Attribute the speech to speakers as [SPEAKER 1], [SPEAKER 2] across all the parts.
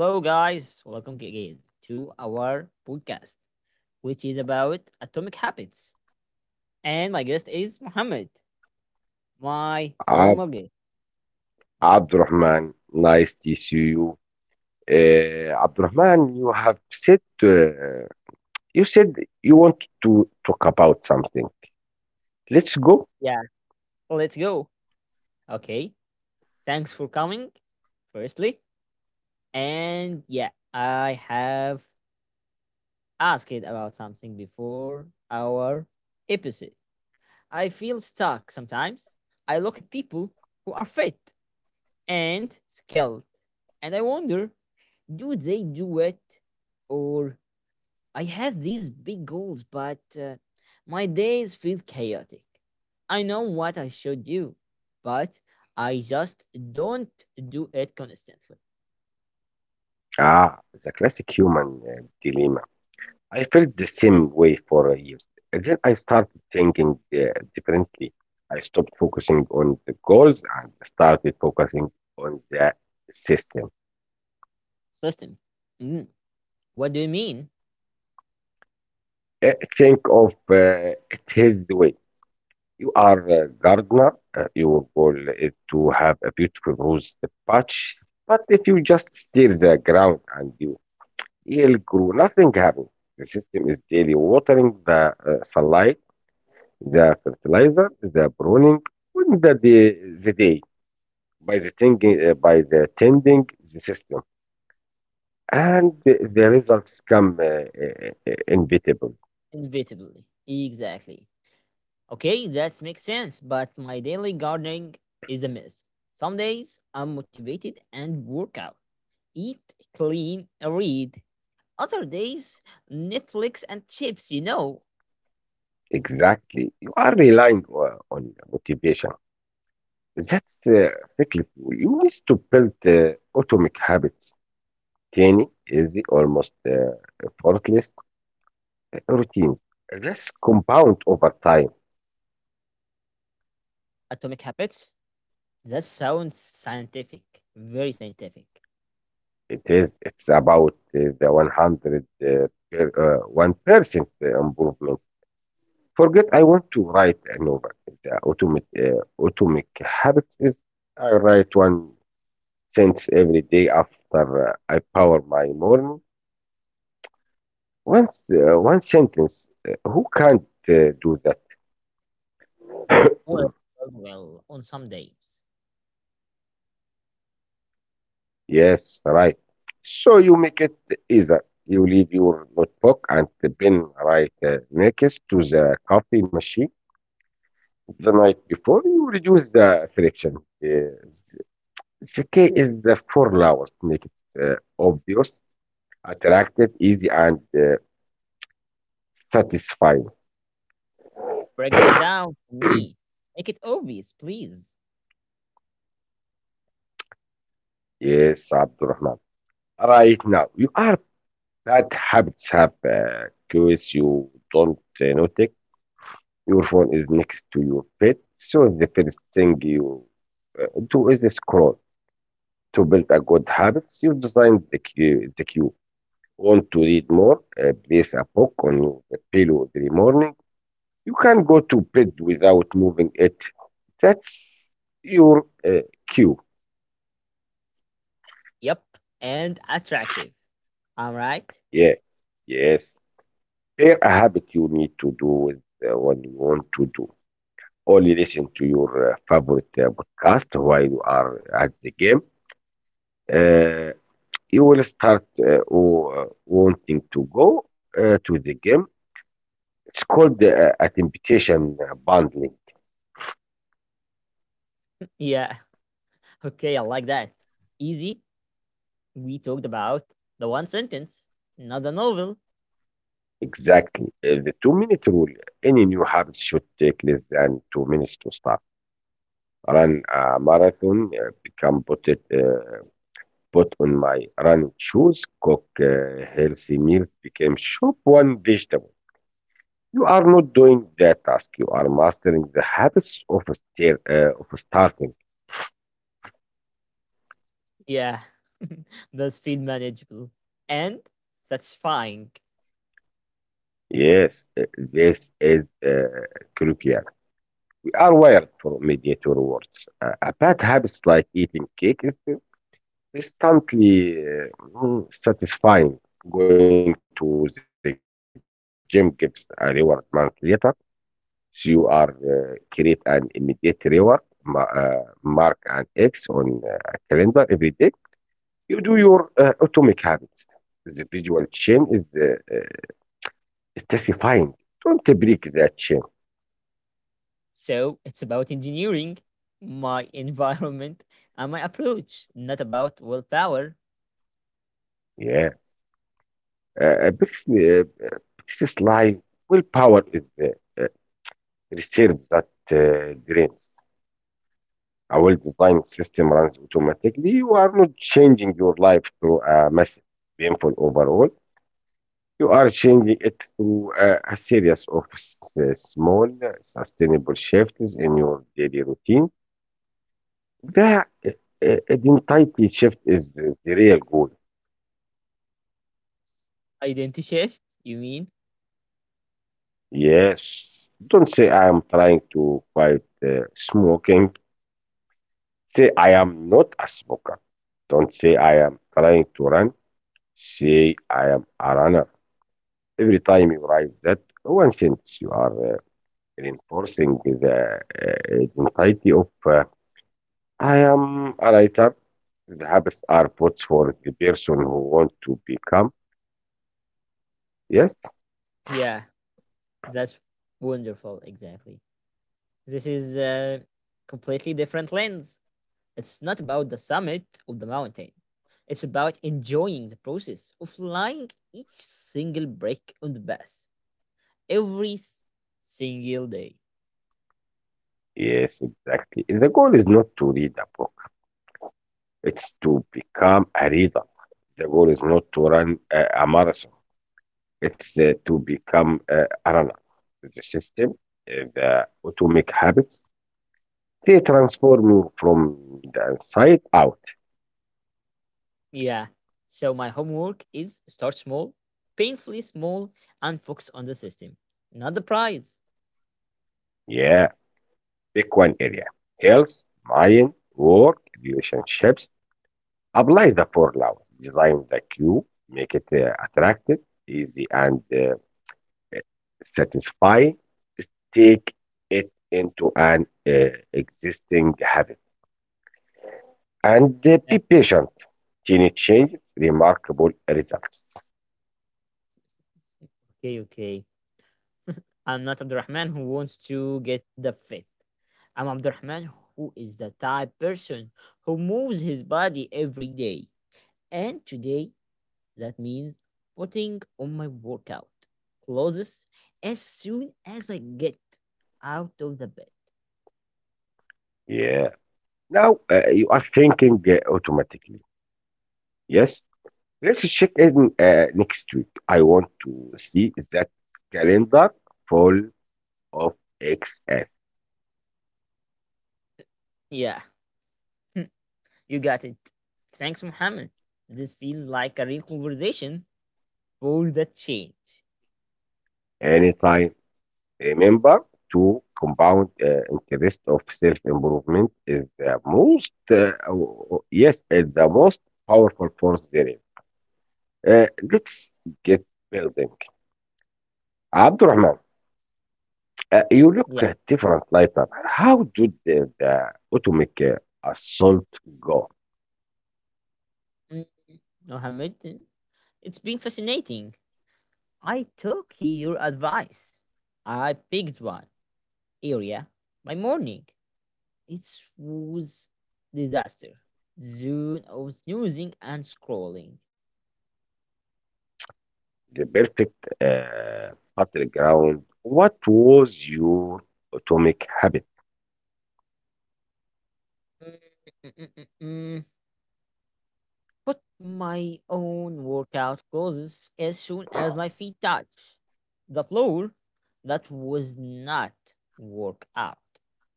[SPEAKER 1] Hello, guys. Welcome again to our podcast, which is about atomic habits. And my guest is Mohammed, my
[SPEAKER 2] Ab
[SPEAKER 1] normal guest, Mohammed.
[SPEAKER 2] Abdurrahman, nice to see you. Abdurrahman, you have said you want to talk about something. Let's go.
[SPEAKER 1] Yeah, let's go. Okay, thanks for coming, firstly. And yeah, I have asked about something before our episode. I feel stuck sometimes. I look at people who are fit and skilled, and I wonder, do they do it? Or I have these big goals, but my days feel chaotic. I know what I should do, but I just don't do it consistently.
[SPEAKER 2] Ah, the classic human dilemma. I felt the same way for years. And then I started thinking differently. I stopped focusing on the goals and started focusing on the system.
[SPEAKER 1] System. Mm, what do you mean?
[SPEAKER 2] Uh, think of it his way. You are a gardener. Your goal is to have a beautiful rose patch. But if you just steer the ground and you will grow, nothing happens. The system is daily watering, the sunlight, the fertilizer, the pruning, when the day by the tending, the system, and the results come inevitable.
[SPEAKER 1] Inevitably. Exactly. Okay, that makes sense, but my daily gardening is a mess. Some days I'm motivated and work out, eat, clean, read. Other days, Netflix and chips, you know.
[SPEAKER 2] Exactly, you are relying on motivation. That's cyclical. You need to build atomic habits. Tiny, easy, almost effortless routines. Let's compound over time.
[SPEAKER 1] Atomic habits? That sounds scientific, very scientific.
[SPEAKER 2] It is. It's about the 100 1% improvement. Forget. I want to write a novel. The atomic habits is I write one sentence every day after I power my morning. Once One sentence. Who can't do that?
[SPEAKER 1] Well, well, well, on some days.
[SPEAKER 2] Yes, right. So you make it easier. You leave your notebook and the pen right next to the coffee machine the night before. You reduce the friction. Uh, the key is the formula to make it obvious, attractive, easy, and satisfying.
[SPEAKER 1] Break that down for me. Make it obvious, please.
[SPEAKER 2] Yes, Abdurrahman. Right now, you are bad habits have cues you don't notice. Your phone is next to your bed, so the first thing you, two is the scroll. To build a good habits, you design the queue. The queue. Want to read more? Place a book on your pillow every morning. You can go to bed without moving it. That's your cue.
[SPEAKER 1] Yep, and attractive. All right.
[SPEAKER 2] Yeah, yes. There a habit you need to do with what you want to do. Only listen to your favorite podcast while you are at the game. Uh, you will start wanting to go to the game. It's called a temptation bundling.
[SPEAKER 1] Yeah, okay, I like that. Easy. We talked about the one sentence, not a novel.
[SPEAKER 2] Exactly. The 2-minute rule. Any new habit should take less than 2 minutes to start. Run a marathon, put on my running shoes, cook healthy meals, became shop one vegetable. You are not doing the task. You are mastering the habits of starting.
[SPEAKER 1] Yeah, that's feel manageable and satisfying.
[SPEAKER 2] Yes, this is crucial. Are wired for immediate rewards. A bad habit like eating cake is instantly satisfying. Going to the gym gives a reward month later. So you are create an immediate reward, mark an X on a calendar every day. You do your atomic habits. The visual chain is satisfying. Don't break that chain.
[SPEAKER 1] So it's about engineering my environment and my approach, not about willpower.
[SPEAKER 2] Yeah. A British line willpower is the uh, reserve that drains. A well-designed system runs automatically. You are not changing your life through a massive, painful overhaul. You are changing it through a series of small, sustainable shifts in your daily routine. The identity shift is the real goal.
[SPEAKER 1] Identity shift, you mean?
[SPEAKER 2] Yes. Don't say I am trying to fight smoking. Say, I am not a smoker. Don't say I am trying to run. Say I am a runner. Every time you write that one sentence, you are reinforcing the identity of I am a writer. The habits are put for the person who wants to become. Yes,
[SPEAKER 1] Yeah, that's wonderful, exactly. This is a completely different lens. It's not about the summit of the mountain. It's about enjoying the process of flying each single break on the bus every single day.
[SPEAKER 2] yes, exactly. The goal is not to read a book, it's to become a reader. The goal is not to run a marathon. It's to become analyze the system, the atomic habits. They transforming from the inside out.
[SPEAKER 1] Yeah. So my homework is start small, painfully small, and focus on the system, not the prize.
[SPEAKER 2] Yeah, pick one area. Health, mind, work, relationships. Apply the four laws. Design the cue. Make it attractive, easy, and satisfying. Take it into an existing habit. And
[SPEAKER 1] Yeah,
[SPEAKER 2] be patient. Tiny changes, remarkable results.
[SPEAKER 1] okay, okay. I'm not Abdurrahman who wants to get the fit. I'm Abdurrahman who is the type person who moves his body every day. And today, that means putting on my workout clothes as soon as I get out of the bed.
[SPEAKER 2] Yeah. Now, you are thinking automatically. Yes. Let's check in next week. I want to see that calendar full of Xs.
[SPEAKER 1] Yeah. You got it. Thanks, Mohammed. This feels like a real conversation for the change.
[SPEAKER 2] Anytime. Remember to compound interest of self improvement is the most powerful force there is. Uh, let's get building. Abdurrahman. You
[SPEAKER 1] Yeah,
[SPEAKER 2] look at different lighter. How did the atomic assault go?
[SPEAKER 1] mm, Mohammed, it's been fascinating. I took your advice. I picked one area by morning. It was disaster. Zone of snoozing and scrolling.
[SPEAKER 2] The perfect battleground. What was your atomic habit?
[SPEAKER 1] Put my own workout clothes as soon as my feet touch the floor. That was not work out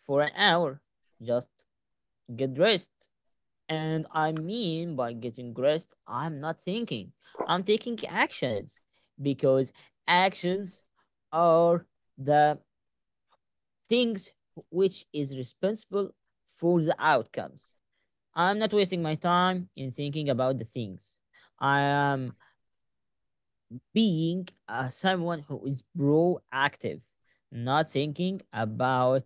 [SPEAKER 1] for an hour. Just get dressed. And I mean by getting dressed, I'm not thinking, I'm taking actions, because actions are the things which is responsible for the outcomes. I'm not wasting my time in thinking about the things. I am being someone who is proactive, not thinking about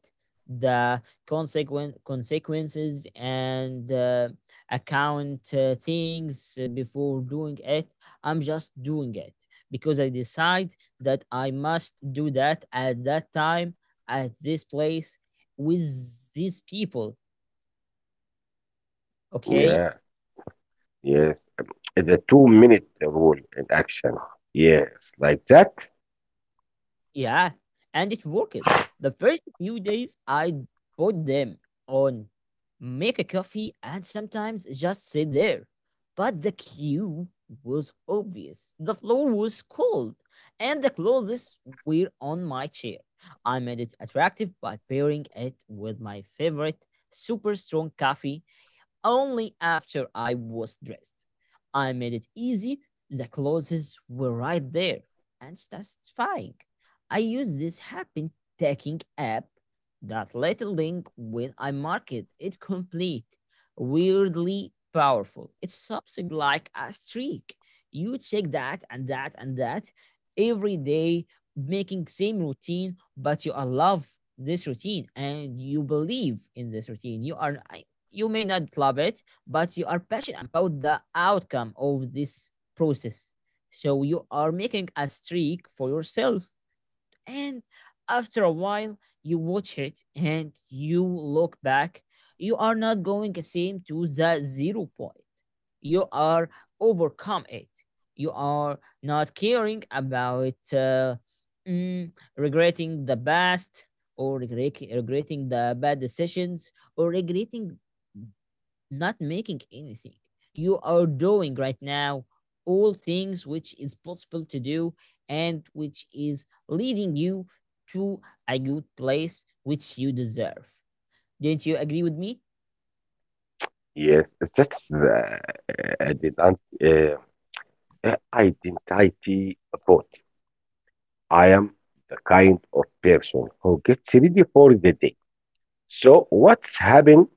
[SPEAKER 1] the consequent consequences and account things before doing it. I'm just doing it because I decide that I must do that at that time, at this place, with these people. Okay.
[SPEAKER 2] Yeah, yes. The 2-minute rule in action. Yes, like that.
[SPEAKER 1] Yeah, and it worked. The first few days, I put them on, make a coffee, and sometimes just sit there. But the queue was obvious. The floor was cold, and the clothes were on my chair. I made it attractive by pairing it with my favorite super strong coffee only after I was dressed. I made it easy. The clothes were right there, and satisfying. I used this happen taking app that little link when I market it complete. Weirdly powerful. It's something like a streak. You check that and that and that every day, making same routine, but you love this routine and you believe in this routine. You are, you may not love it, but you are passionate about the outcome of this process. So you are making a streak for yourself. And after a while, you watch it and you look back. You are not going the same to the zero point. You are overcome it. You are not caring about regretting the past, or regretting the bad decisions, or regretting not making anything. You are doing right now all things which is possible to do and which is leading you to a good place which you deserve. Didn't you agree with me?
[SPEAKER 2] Yes, that's the uh, identity vote. I am the kind of person who gets ready for the day. So what's happened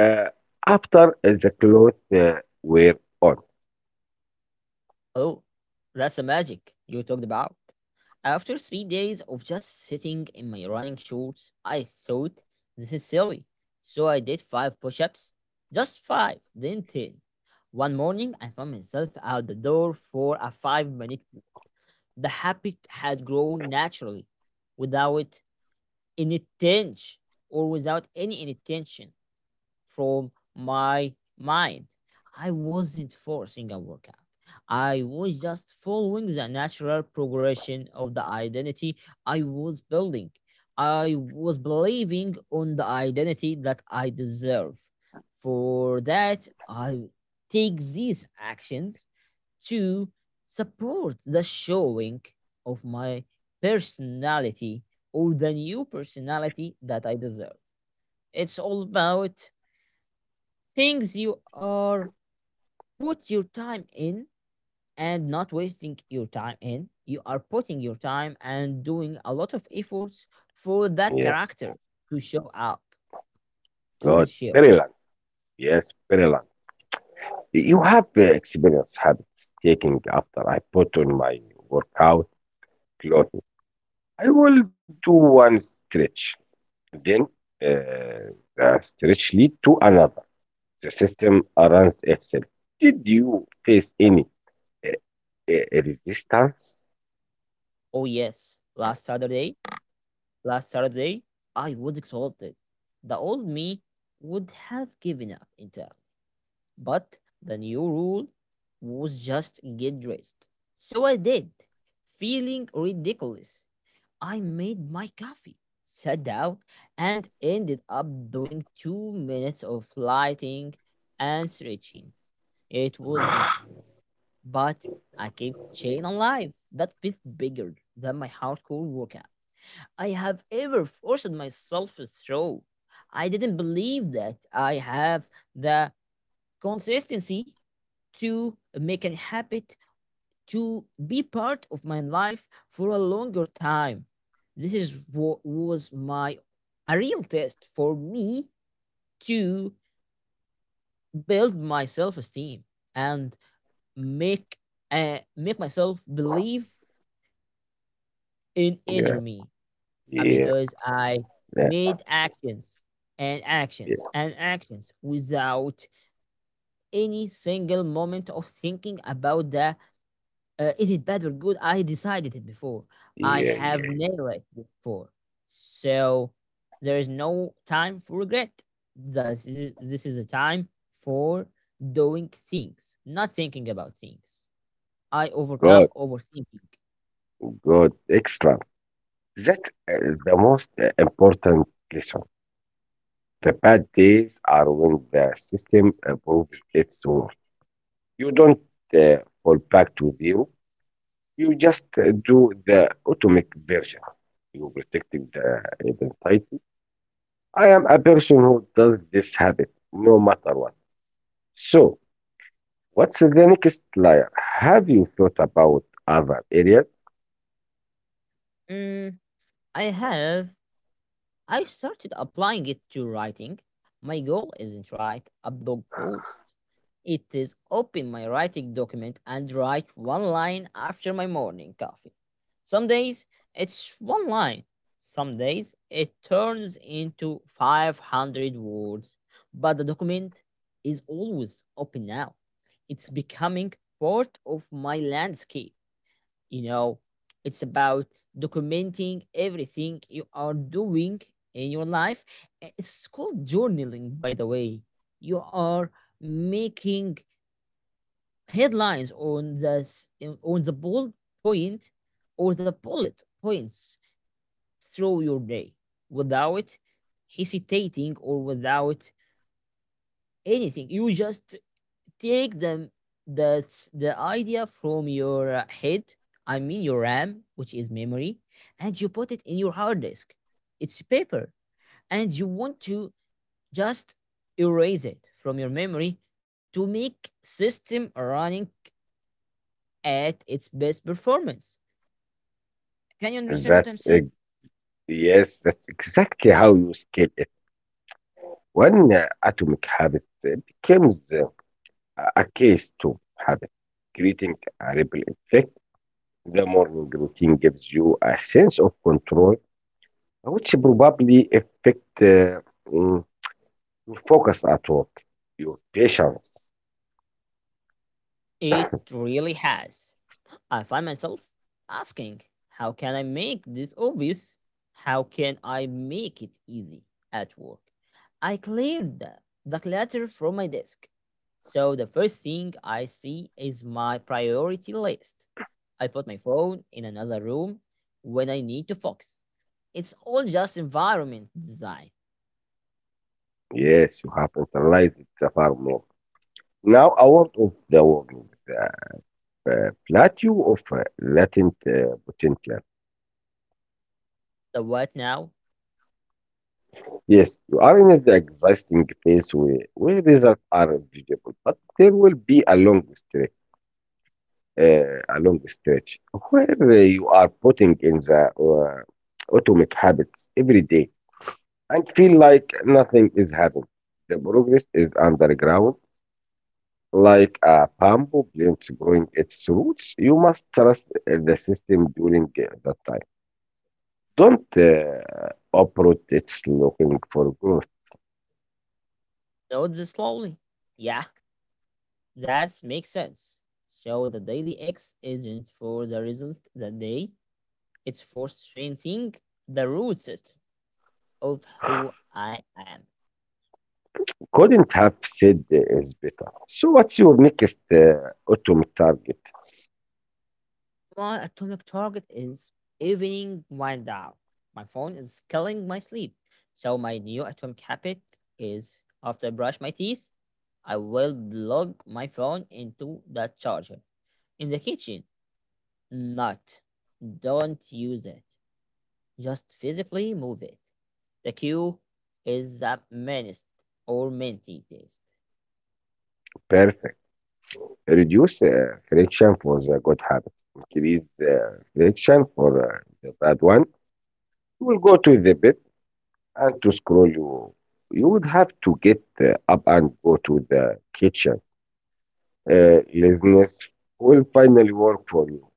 [SPEAKER 2] Uh, after the clothes were on.
[SPEAKER 1] Oh, that's the magic you talked about. After 3 days of just sitting in my running shorts, I thought this is silly. So I did five push ups, just five, then 10. One morning, I found myself out the door for a 5-minute. The habit had grown naturally, without any tinge or without any intention from my mind. I wasn't forcing a workout. I was just following the natural progression of the identity I was building. I was believing on the identity that I deserve. For that, I take these actions to support the showing of my personality, or the new personality that I deserve. It's all about things you are put your time in and not wasting your time in. You are putting your time and doing a lot of efforts for that
[SPEAKER 2] Yeah,
[SPEAKER 1] character to show up to the show.
[SPEAKER 2] good. Very long, yes, very long. You have experience habits taking after I put on my workout clothes. I will do one stretch. Then the stretch lead to another. The system runs itself. Did you face any uh, resistance?
[SPEAKER 1] Oh yes, last Saturday, I was exhausted. The old me would have given up entirely. But the new rule was just get dressed. So I did. Feeling ridiculous, I made my coffee, sat down, and ended up doing 2 minutes of lighting and stretching. It was nothing, but I kept chain alive. That felt bigger than my hardcore workout I have ever forced myself through. I didn't believe that I have the consistency to make a habit to be part of my life for a longer time. This is what was my a real test for me to build my self-esteem and make make myself believe in
[SPEAKER 2] Yeah,
[SPEAKER 1] inner me,
[SPEAKER 2] yes,
[SPEAKER 1] because I
[SPEAKER 2] yeah,
[SPEAKER 1] made actions and actions
[SPEAKER 2] yeah,
[SPEAKER 1] and actions without any single moment of thinking about the, uh, is it bad or good? I decided it before. I
[SPEAKER 2] yeah.
[SPEAKER 1] have
[SPEAKER 2] Yeah.
[SPEAKER 1] nailed it before. So there is no time for regret. This is a time for doing things, not thinking about things. I overcome
[SPEAKER 2] Good,
[SPEAKER 1] overthinking.
[SPEAKER 2] good, excellent. That is the most important lesson. The bad days are when the system proves its worth. You don't uh, fall back to zero. You just do the automatic version. You protecting the identity. I am a person who does this habit no matter what. So, what's the next layer? Have you thought about other areas?
[SPEAKER 1] Mm, I have I started applying it to writing. My goal isn't write a blog post. It is open my writing document and write one line after my morning coffee. Some days it's one line. Some days it turns into 500 words, but the document is always open now. It's becoming part of my landscape, you know. It's about documenting everything you are doing in your life. It's called journaling, by the way. You are making headlines on on the bullet point, or the bullet points, through your day without hesitating or without anything. You just take the the idea from your head, I mean your ram, which is memory, and you put it in your hard disk. It's paper, and you want to just erase it from your memory to make system running at its best performance. Can you understand what I'm
[SPEAKER 2] That's
[SPEAKER 1] saying?
[SPEAKER 2] yes. That's exactly how you scale it. When atomic habit becomes a case to habit, creating a ripple effect. The morning routine gives you a sense of control, which probably affect mm, your focus at work, your patience.
[SPEAKER 1] It really has. I find myself asking, how can I make this obvious? How can I make it easy at work? I cleared the clutter from my desk. So the first thing I see is my priority list. I put my phone in another room when I need to focus. It's all just environment design.
[SPEAKER 2] Yes, you have internalized it far more. Now, a word of the warning, the plateau of latent potential.
[SPEAKER 1] The what now?
[SPEAKER 2] Yes, you are in the existing phase where results are visible, but there will be a long stretch where you are putting in the atomic habits every day and feel like nothing is happening. The progress is underground, like a bamboo plant growing its roots. You must trust the system during that time. Don't operate it looking for growth.
[SPEAKER 1] Nodes slowly. Yeah, that makes sense. So the daily X isn't for the result that day, it's for strengthening the root system of who I am.
[SPEAKER 2] Couldn't have said is better. So what's your next ultimate target?
[SPEAKER 1] My atomic target is evening wind down. My phone is killing my sleep. So my new atomic habit is after I brush my teeth, I will plug my phone into the charger. In the kitchen, not. Don't use it. Just physically move it. The cue is a menaced or minty taste.
[SPEAKER 2] Perfect. Reduce friction for the good habit. Increase the friction for the bad one. You will go to the bed and to scroll you. You would have to get up and go to the kitchen. Laziness will finally work for you.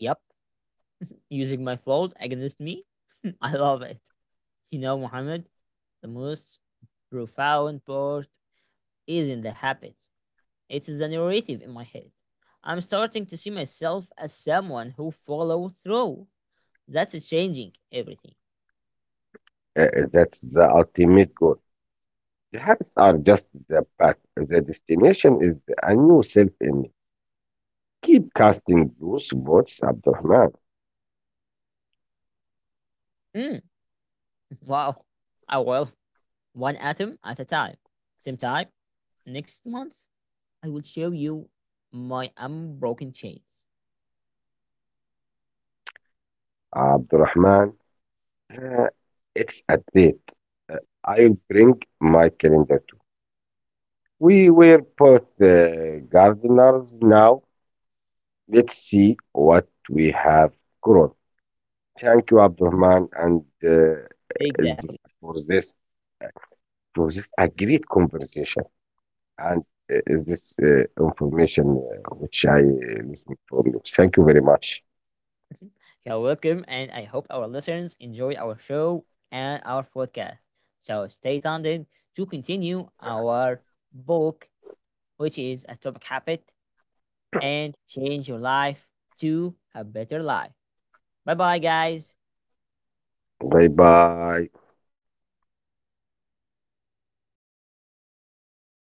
[SPEAKER 1] Yep, using my flaws against me. I love it. You know, Mohammed, the most profound part isn't the habits, it's the narrative in my head. I'm starting to see myself as someone who follow through. That's changing everything.
[SPEAKER 2] That's the ultimate goal. The habits are just the path. The destination is a new self image. Keep casting those votes, Abdurrahman.
[SPEAKER 1] Mm, wow. I will. One atom at a time. Same time, next month, I will show you my unbroken chains.
[SPEAKER 2] Abdurrahman, uh, it's a date. Uh, I'll bring my calendar too. We were both gardeners now. Let's see what we have grown. Thank you, Abdurrahman, and
[SPEAKER 1] Exactly.
[SPEAKER 2] for this a great conversation and uh, this information which I listened from you. Thank you very much.
[SPEAKER 1] You're welcome, and I hope our listeners enjoy our show and our podcast. So stay tuned to continue our book, which is Atomic Habit, and change your life to a better life. Bye bye, guys.
[SPEAKER 2] Bye bye.